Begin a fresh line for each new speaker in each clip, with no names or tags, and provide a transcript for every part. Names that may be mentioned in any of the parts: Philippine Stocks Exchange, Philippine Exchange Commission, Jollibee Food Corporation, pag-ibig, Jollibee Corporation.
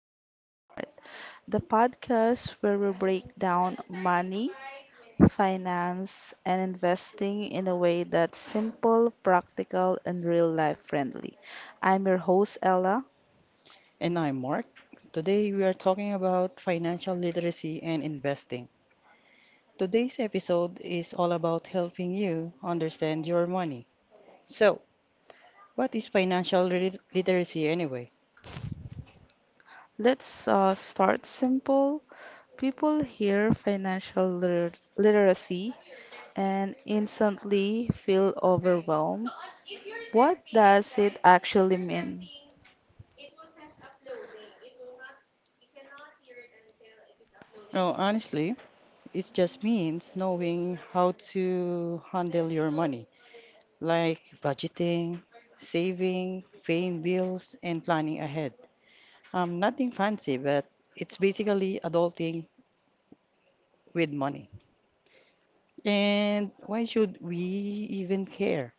to Money Smart, the podcast where we break down money, finance, and investing in a way that's simple, practical, and real life friendly. I'm your host, Ella.
And I'm Mark. Today we are talking about financial literacy and investing. Today's episode is all about helping you understand your money. So, what is financial literacy anyway?
Let's start simple. People hear literacy and instantly feel overwhelmed. What does it actually mean?
No, honestly, it just means knowing how to handle your money, like budgeting, saving, paying bills, and planning ahead. Nothing fancy, but it's basically adulting with money. And why should we even care?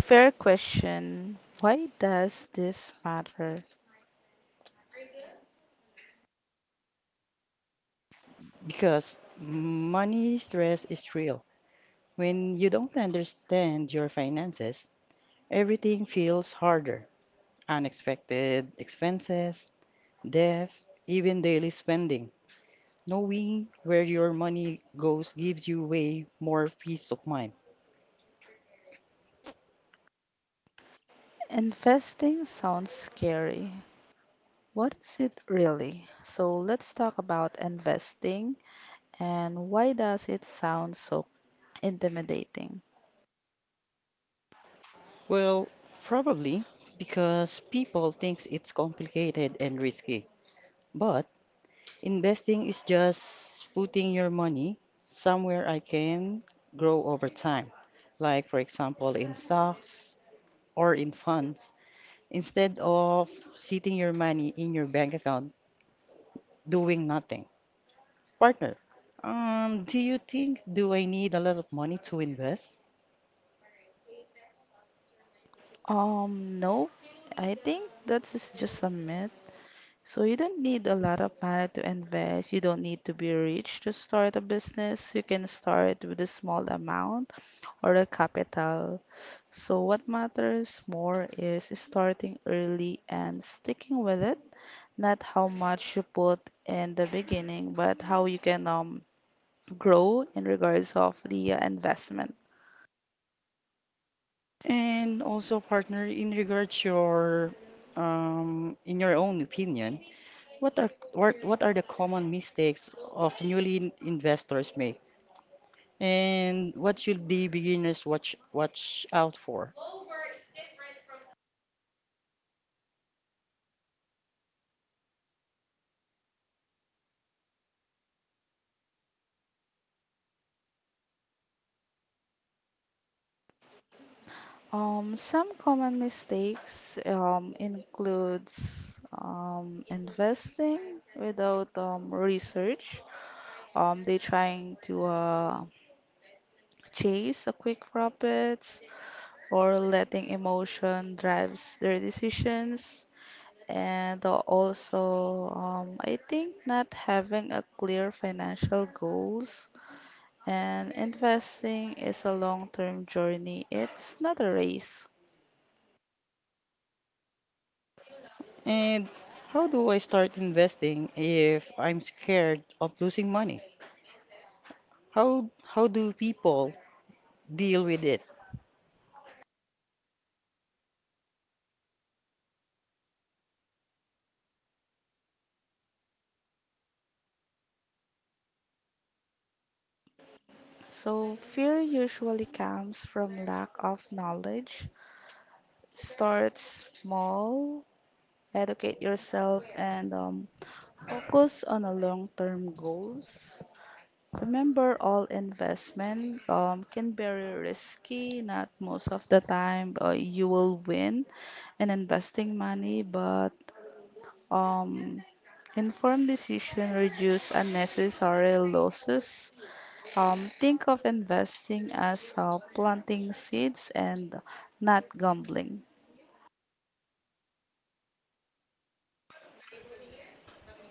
Fair question. Why does this matter?
Because money stress is real. When you don't understand your finances, everything feels harder. Unexpected expenses, debt, even daily spending. Knowing where your money goes gives you way more peace of mind.
Investing sounds scary. What is it really? So let's talk about investing and why does it sound so intimidating?
Well, probably because people think it's complicated and risky. But investing is just putting your money somewhere I can grow over time, like for example in stocks or in funds, instead of sitting your money in your bank account doing nothing. Partner, do you think do I need a lot of money to invest?
No, I think that's just a myth. So you don't need a lot of money to invest. You don't need to be rich to start a business. You can start with a small amount or a capital. So what matters more is starting early and sticking with it, not how much you put in the beginning, but how you can grow in regards of the investment.
And also, partner, in regards your in your own opinion, what are the common mistakes of newly investors make? And what should be beginners watch out for?
Some common mistakes includes investing without research. They trying to chase a quick profits or letting emotion drives their decisions. I think not having a clear financial goals, and investing is a long-term journey. It's not a race.
And how do I start investing if I'm scared of losing money? How do people deal with it?
So, fear usually comes from lack of knowledge. Start small, educate yourself, and focus on a long-term goals. Remember, all investment can be very risky. Not most of the time you will win in investing money, but um, informed decision reduce unnecessary losses. Think of investing as planting seeds and not gambling.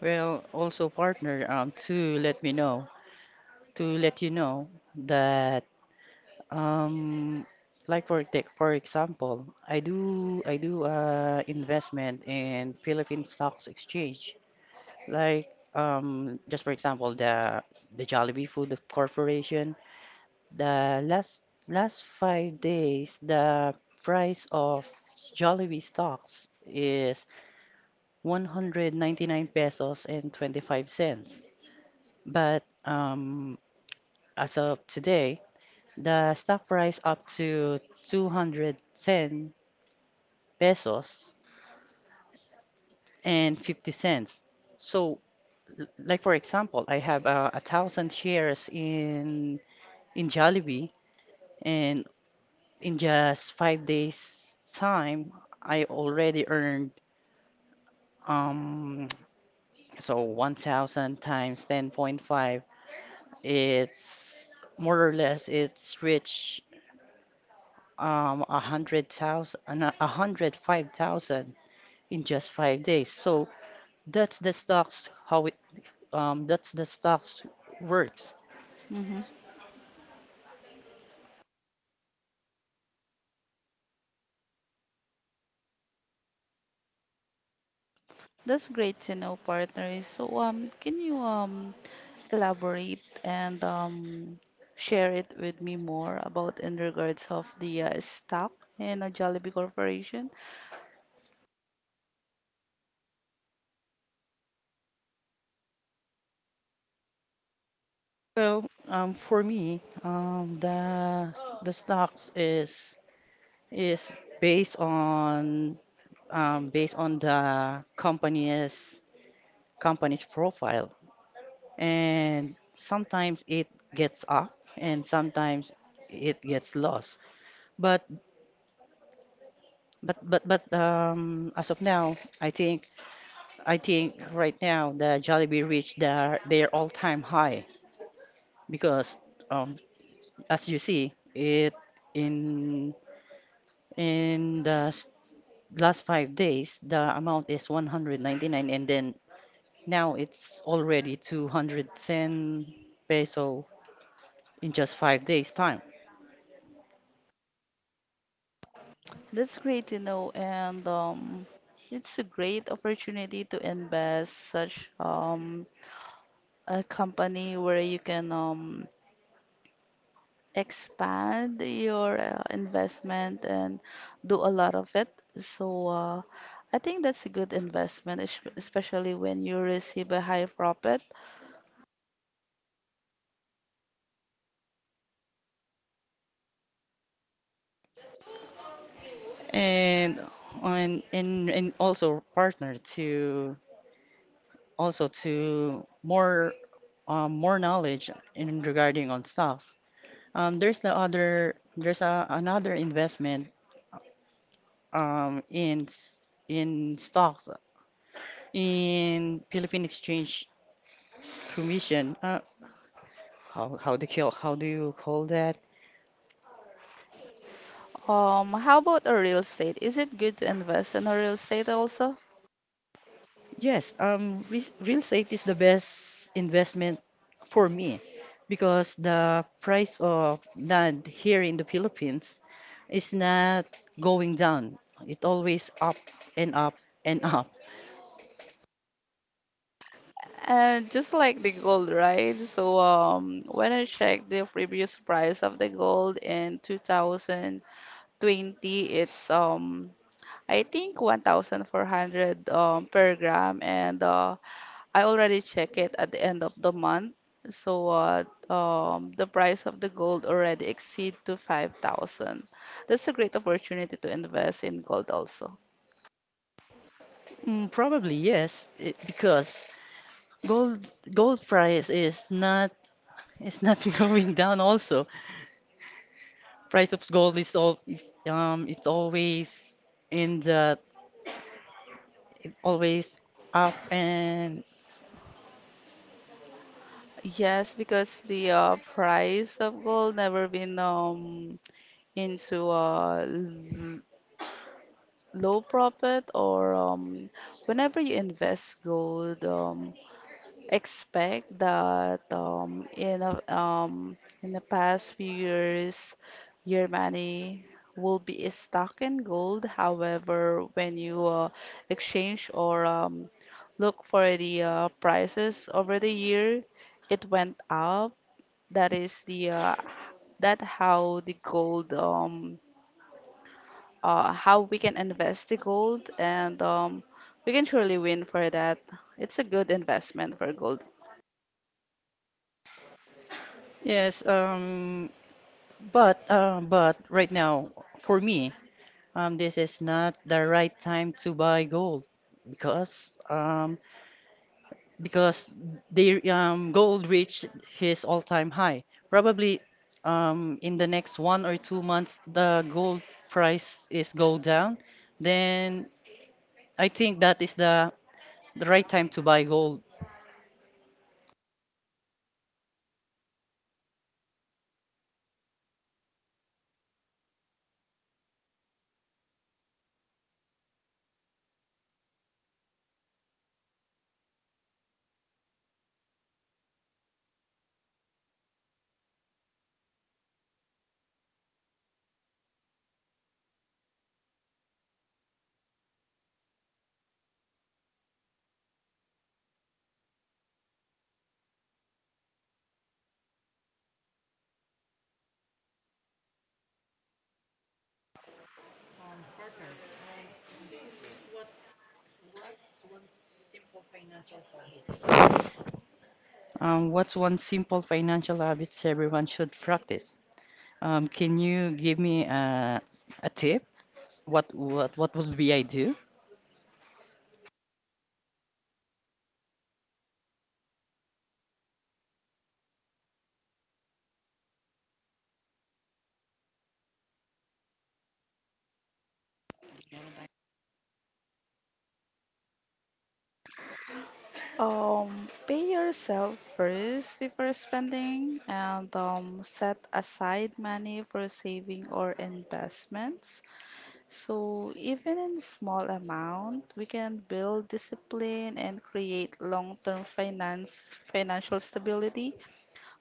Well, also partner, to let me know, to let you know that um, like for tech, for example, I do investment in Philippine Stocks Exchange. Like just for example, the Jollibee Food Corporation, the last 5 days, the price of Jollibee stocks is 199 pesos and 25 cents. But as of today, the stock price up to 210 pesos and 50 cents. So, like for example, I have 1,000 shares in Jollibee, and in just 5 days time, I already earned um so 1,000 times 10.5. It's more or less it's reached 100,000, 105,000 in just 5 days. So that's the stocks how it that's the stocks works.
Mm-hmm. That's great to know, partner. So, can you elaborate and share it with me more about in regards of the stock in a Jollibee Corporation?
Well, for me, the stocks is based on the company's profile, and sometimes it gets up and sometimes it gets lost, but but as of now I think I think right now the Jollibee reached their all-time high because um, as you see it in in the last 5 days, the amount is 199, and then now it's already 210 peso in just 5 days time.
That's great to know, and it's a great opportunity to invest such a company where you can expand your investment and do a lot of it. So I think that's a good investment, especially when you receive a high profit.
And and also partner to also to more more knowledge in regarding on stocks. There's the other there's a, Another investment in in stocks in Philippine Exchange Commission. How do you call that?
How about a real estate? Is it good to invest in a real estate also?
Yes, re real estate is the best investment for me because the price of land here in the Philippines is not going down. It always up and up and up.
And just like the gold, right? So when I checked the previous price of the gold in 2020, it's I think 1,400 per gram, and I already check it at the end of the month. So the price of the gold already exceed to 5,000. That's a great opportunity to invest in gold also.
Mm, probably yes, because gold gold price is not going down also. Price of gold is all is, it's always in the always up, and
Yes, because the price of gold never been into low profit or whenever you invest gold, expect that in the past few years, your money will be stuck in gold. However, when you exchange or look for the prices over the year, it went up. That is the uh, that how the gold how we can invest the gold, and we can surely win for that. It's a good investment for gold.
yes. But right now, for me, this is not the right time to buy gold, because because the gold reached his all-time high. Probably in the next 1 or 2 months, the gold price is go down. Then I think that is the right time to buy gold. What's one simple financial habits everyone should practice? Can you give me a tip? What would we I do?
Pay yourself first before spending, and set aside money for saving or investments. So, even in small amount, we can build discipline and create long-term finance financial stability.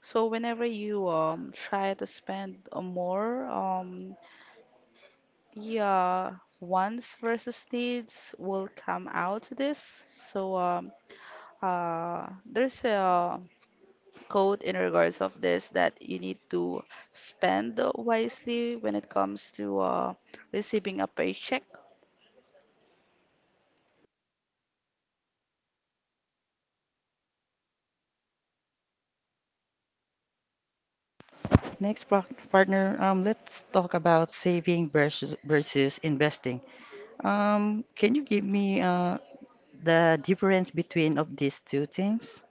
So, whenever you try to spend more, the wants versus needs will come out to this. So there's a code in regards of this that you need to spend wisely when it comes to receiving a paycheck.
Next, partner, let's talk about saving versus investing. Can you give me the difference between of these two things?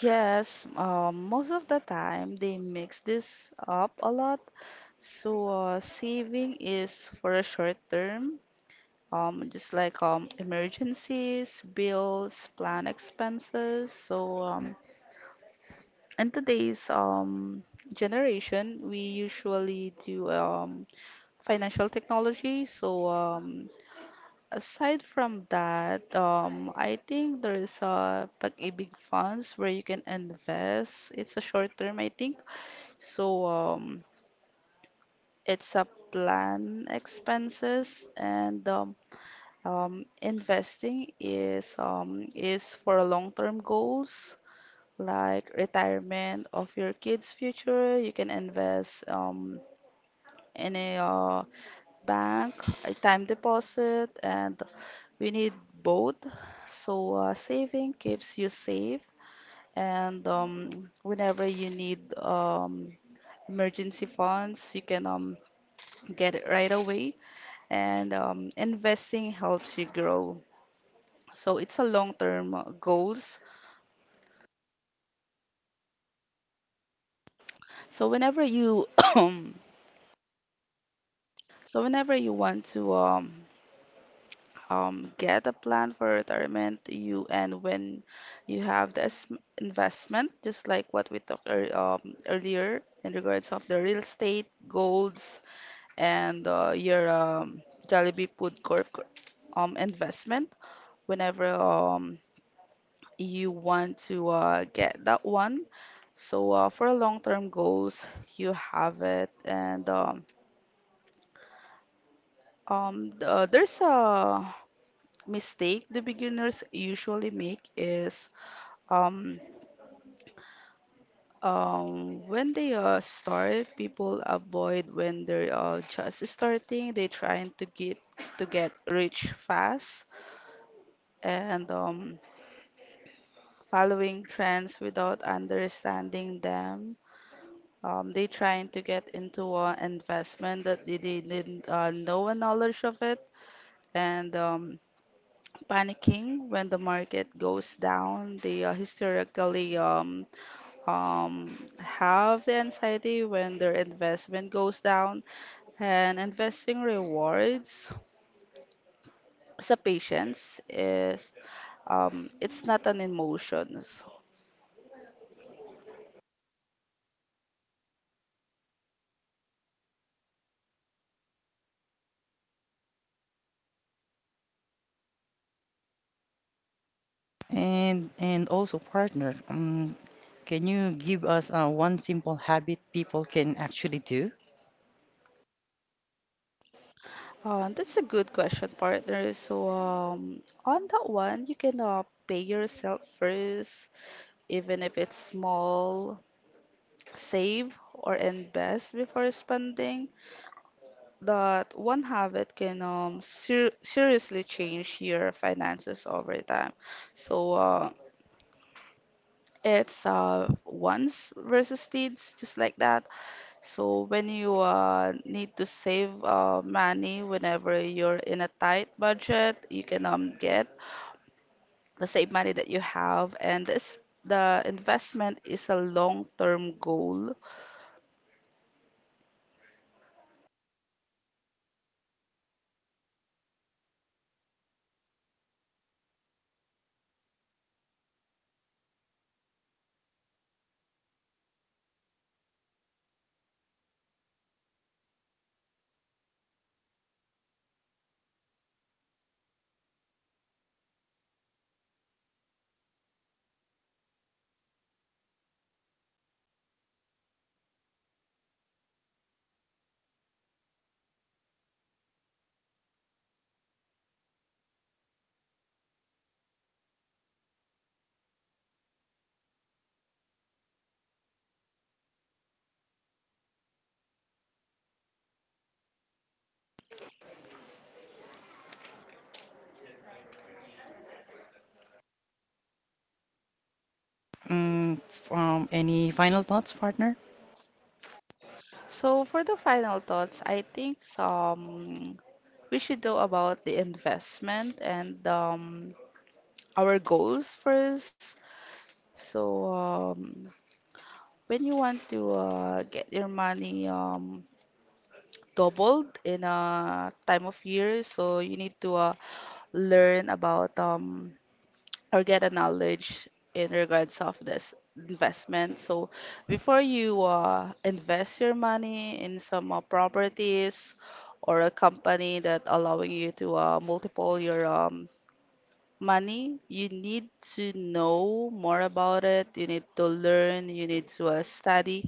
Yes, most of the time they mix this up a lot. So saving is for a short term, just like emergencies, bills, plan expenses. So in today's generation, we usually do financial technology. So aside from that, I think there is a pag-ibig funds where you can invest. It's a short term, I think. So it's a plan expenses, and investing is for long-term goals like retirement of your kids' future. You can invest in a bank, a time deposit, and we need both. So saving keeps you safe, and whenever you need emergency funds, you can get it right away. And investing helps you grow. So it's a long-term goals. So whenever you So whenever you want to get a plan for retirement you, and when you have this investment, just like what we talked earlier in regards of the real estate, golds, and your Jollibee Food Corp investment. Whenever you want to get that one, so for long-term goals, you have it, and there's a mistake the beginners usually make is Um, when they start, people avoid when they're just starting. They trying to get rich fast, and following trends without understanding them. They trying to get into an investment that they didn't know a knowledge of it, and panicking when the market goes down. They historically um, have the anxiety when their investment goes down. And investing rewards sa patience is it's not an emotion. So,
And also, partner, can you give us one simple habit people can actually do?
That's a good question, partner. So on that one, you can pay yourself first, even if it's small, save or invest before spending. That one habit can seriously change your finances over time. So it's wants versus needs, just like that. So when you need to save money whenever you're in a tight budget, you can get the same money that you have, and this the investment is a long-term goal.
Um, any final thoughts, partner?
So for the final thoughts, I think we should know about the investment and our goals first. So when you want to get your money doubled in a time of years, so you need to learn about or get a knowledge in regards of this investment. So before you invest your money in some properties or a company that allowing you to multiple your money, you need to know more about it. You need to learn. You need to study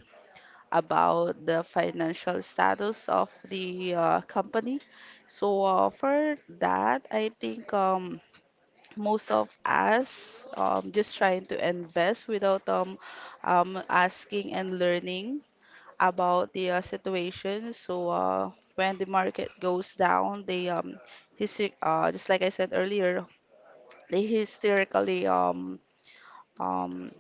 about the financial status of the company. So for that, I think most of us just trying to invest without asking and learning about the situation. So when the market goes down, they just like I said earlier, they hysterically um,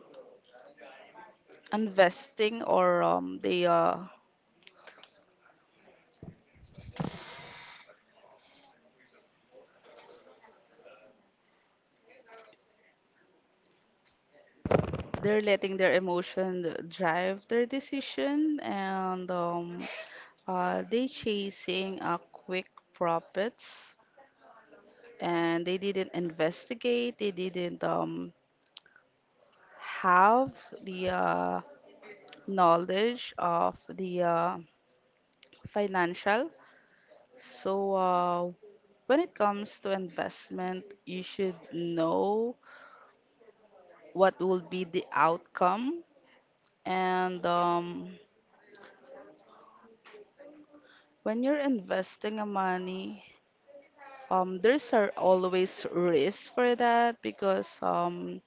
investing, or they're letting their emotion drive their decision, and they chasing a quick profits, and they didn't investigate, they didn't have the knowledge of the financial. So, when it comes to investment, you should know what will be the outcome. And when you're investing a money, there's are always risks for that because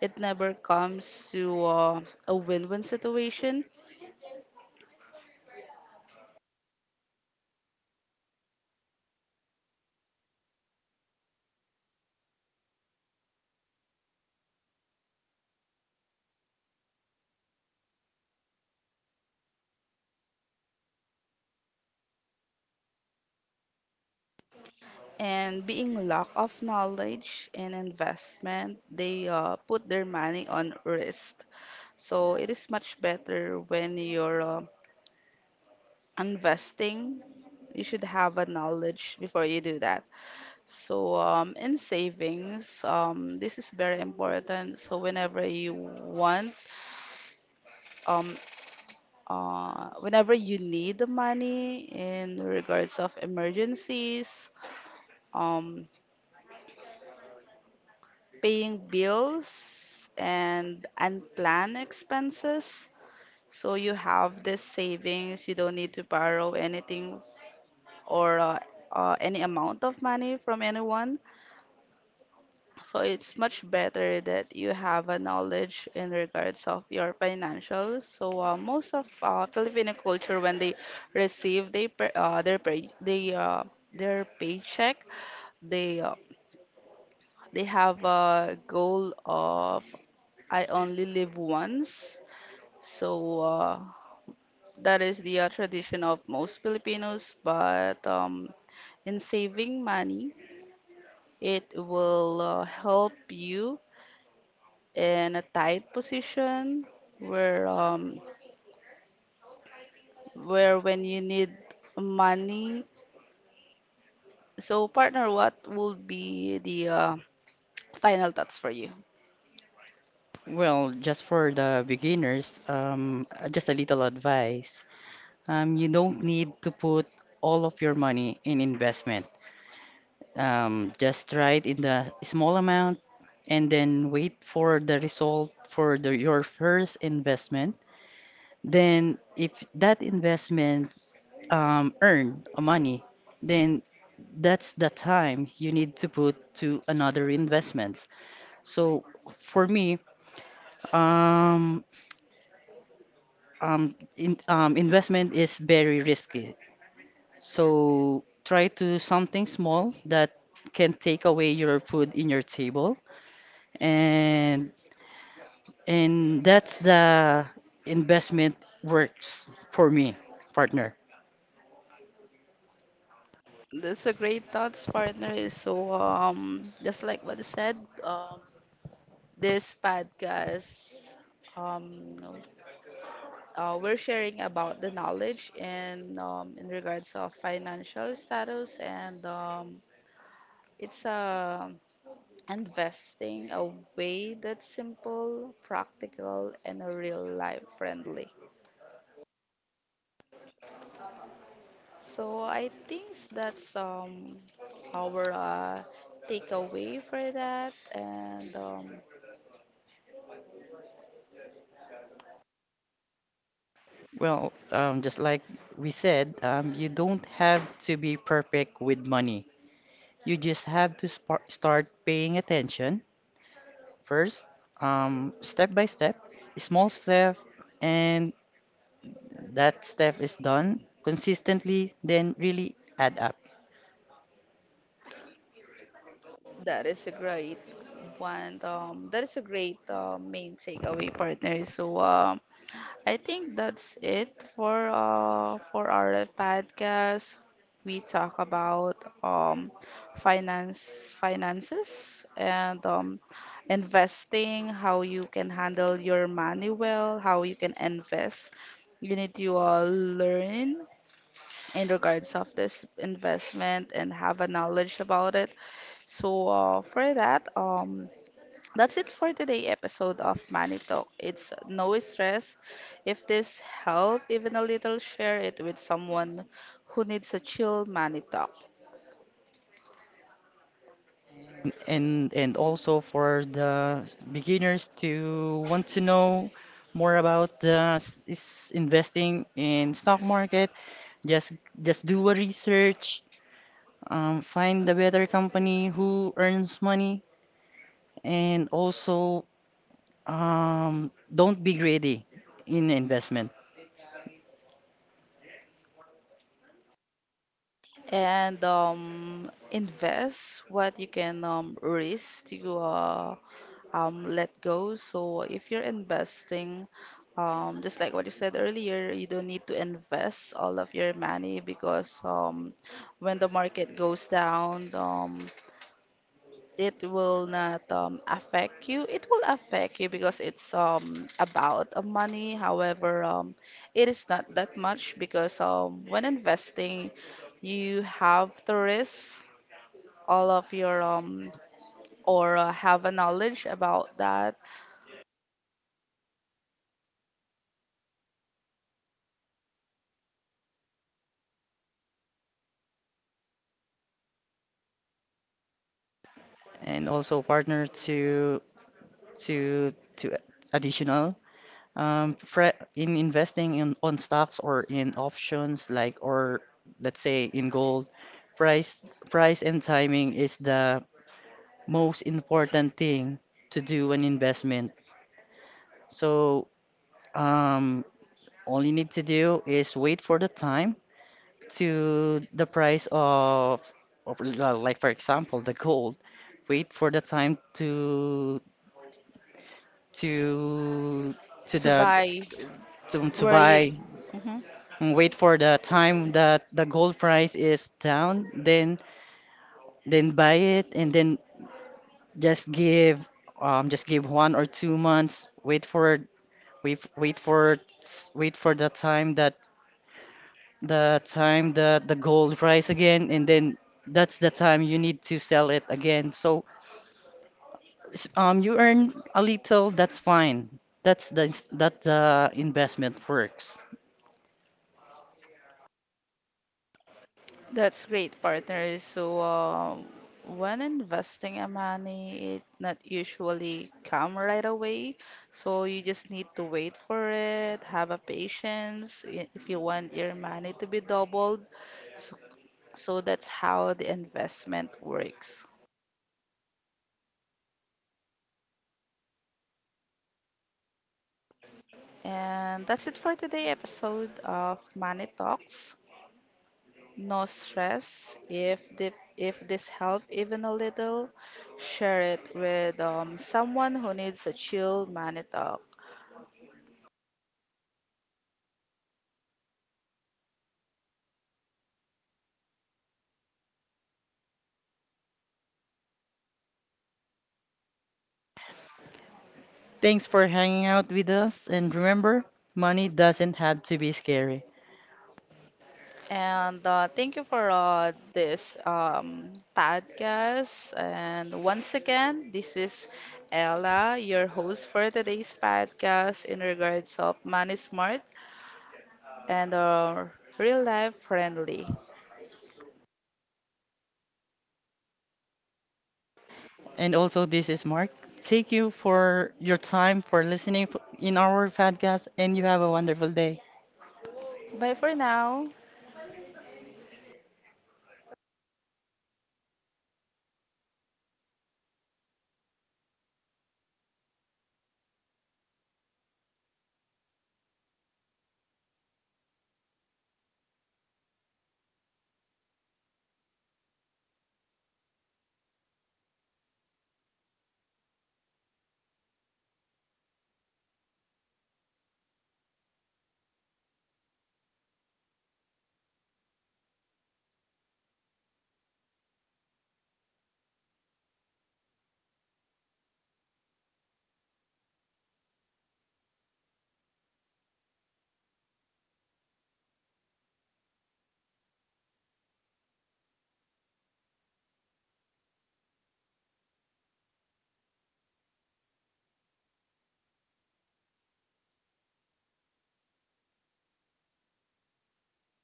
it never comes to a win-win situation, and being lack of knowledge and investment, they put their money on risk. So it is much better when you're investing. You should have a knowledge before you do that. So in savings, this is very important. So whenever you want, um, whenever you need the money in regards of emergencies, um, paying bills and unplanned expenses. So you have this savings, you don't need to borrow anything or any amount of money from anyone. So it's much better that you have a knowledge in regards of your financials. So most of Filipino culture, when they receive they pa- their pay, they, their paycheck, they uh, they have a goal of I only live once. So that is the tradition of most Filipinos. But in saving money, it will help you in a tight position where um, where when you need money. So partner, what would be the final thoughts for you?
Well, just for the beginners, just a little advice. You don't need to put all of your money in investment. Just try it in the small amount and then wait for the result for your first investment. Then, if that investment earn money, then that's the time you need to put to another investments. So, for me, um, investment is very risky. So try to something small that can take away your food in your table, and and that's the investment works for me, partner.
That's a great thoughts, partner. So just like what I said, um, this podcast, um, we're sharing about the knowledge, and in regards of financial status, and it's investing a way that's simple, practical, and a real life friendly. So I think that's our takeaway for that and.
Well, just like we said, you don't have to be perfect with money. You just have to spar start paying attention first, step by step, small step, and that step is done consistently, then really add up.
That is a great one. That is a great main takeaway, partner. So I think that's it for our podcast. We talk about um, finances, and investing. How you can handle your money well. How you can invest. You need to learn in regards of this investment and have a knowledge about it. So for that, that's it for today episode of Money Talk. It's no stress. If this helped even a little, share it with someone who needs a chill money talk.
And also for the beginners to want to know more about the s- is investing in stock market, just just do a research, find a better company who earns money, and also don't be greedy in investment,
And invest what you can risk to let go. So if you're investing, just like what you said earlier, you don't need to invest all of your money because when the market goes down, it will not affect you. It will affect you because it's about money. However, it is not that much because when investing, you have to risk all of your or have a knowledge about that
and also partner to additional. Fre In investing in on stocks or in options, like, or let's say in gold, price price and timing is the most important thing to do an investment. So um, all you need to do is wait for the time to the price like for example the gold. Wait for the time to to the
buy
to
where you.
buy,
Mhm.
and wait for the time that the gold price is down, then buy it, and then just give 1 or 2 months. Wait for wait wait for s- wait for the time that the gold rise again, and then that's the time you need to sell it again. So you earn a little, that's fine. That's that the investment works.
That's great, partner. So, when investing in money, it not usually come right away. So you just need to wait for it, have a patience if you want your money to be doubled. So, so that's how the investment works. And that's it for today episode of Money Talks. No stress. If this helped even a little, share it with someone who needs a chill money talk.
Thanks for hanging out with us, and remember, money doesn't have to be scary.
And thank you for this podcast. And once again, this is Ella, your host for today's podcast in regards of money smart and real life friendly.
And also, this is Mark. Thank you for your time for listening in our podcast, and you have a wonderful day.
Bye for now.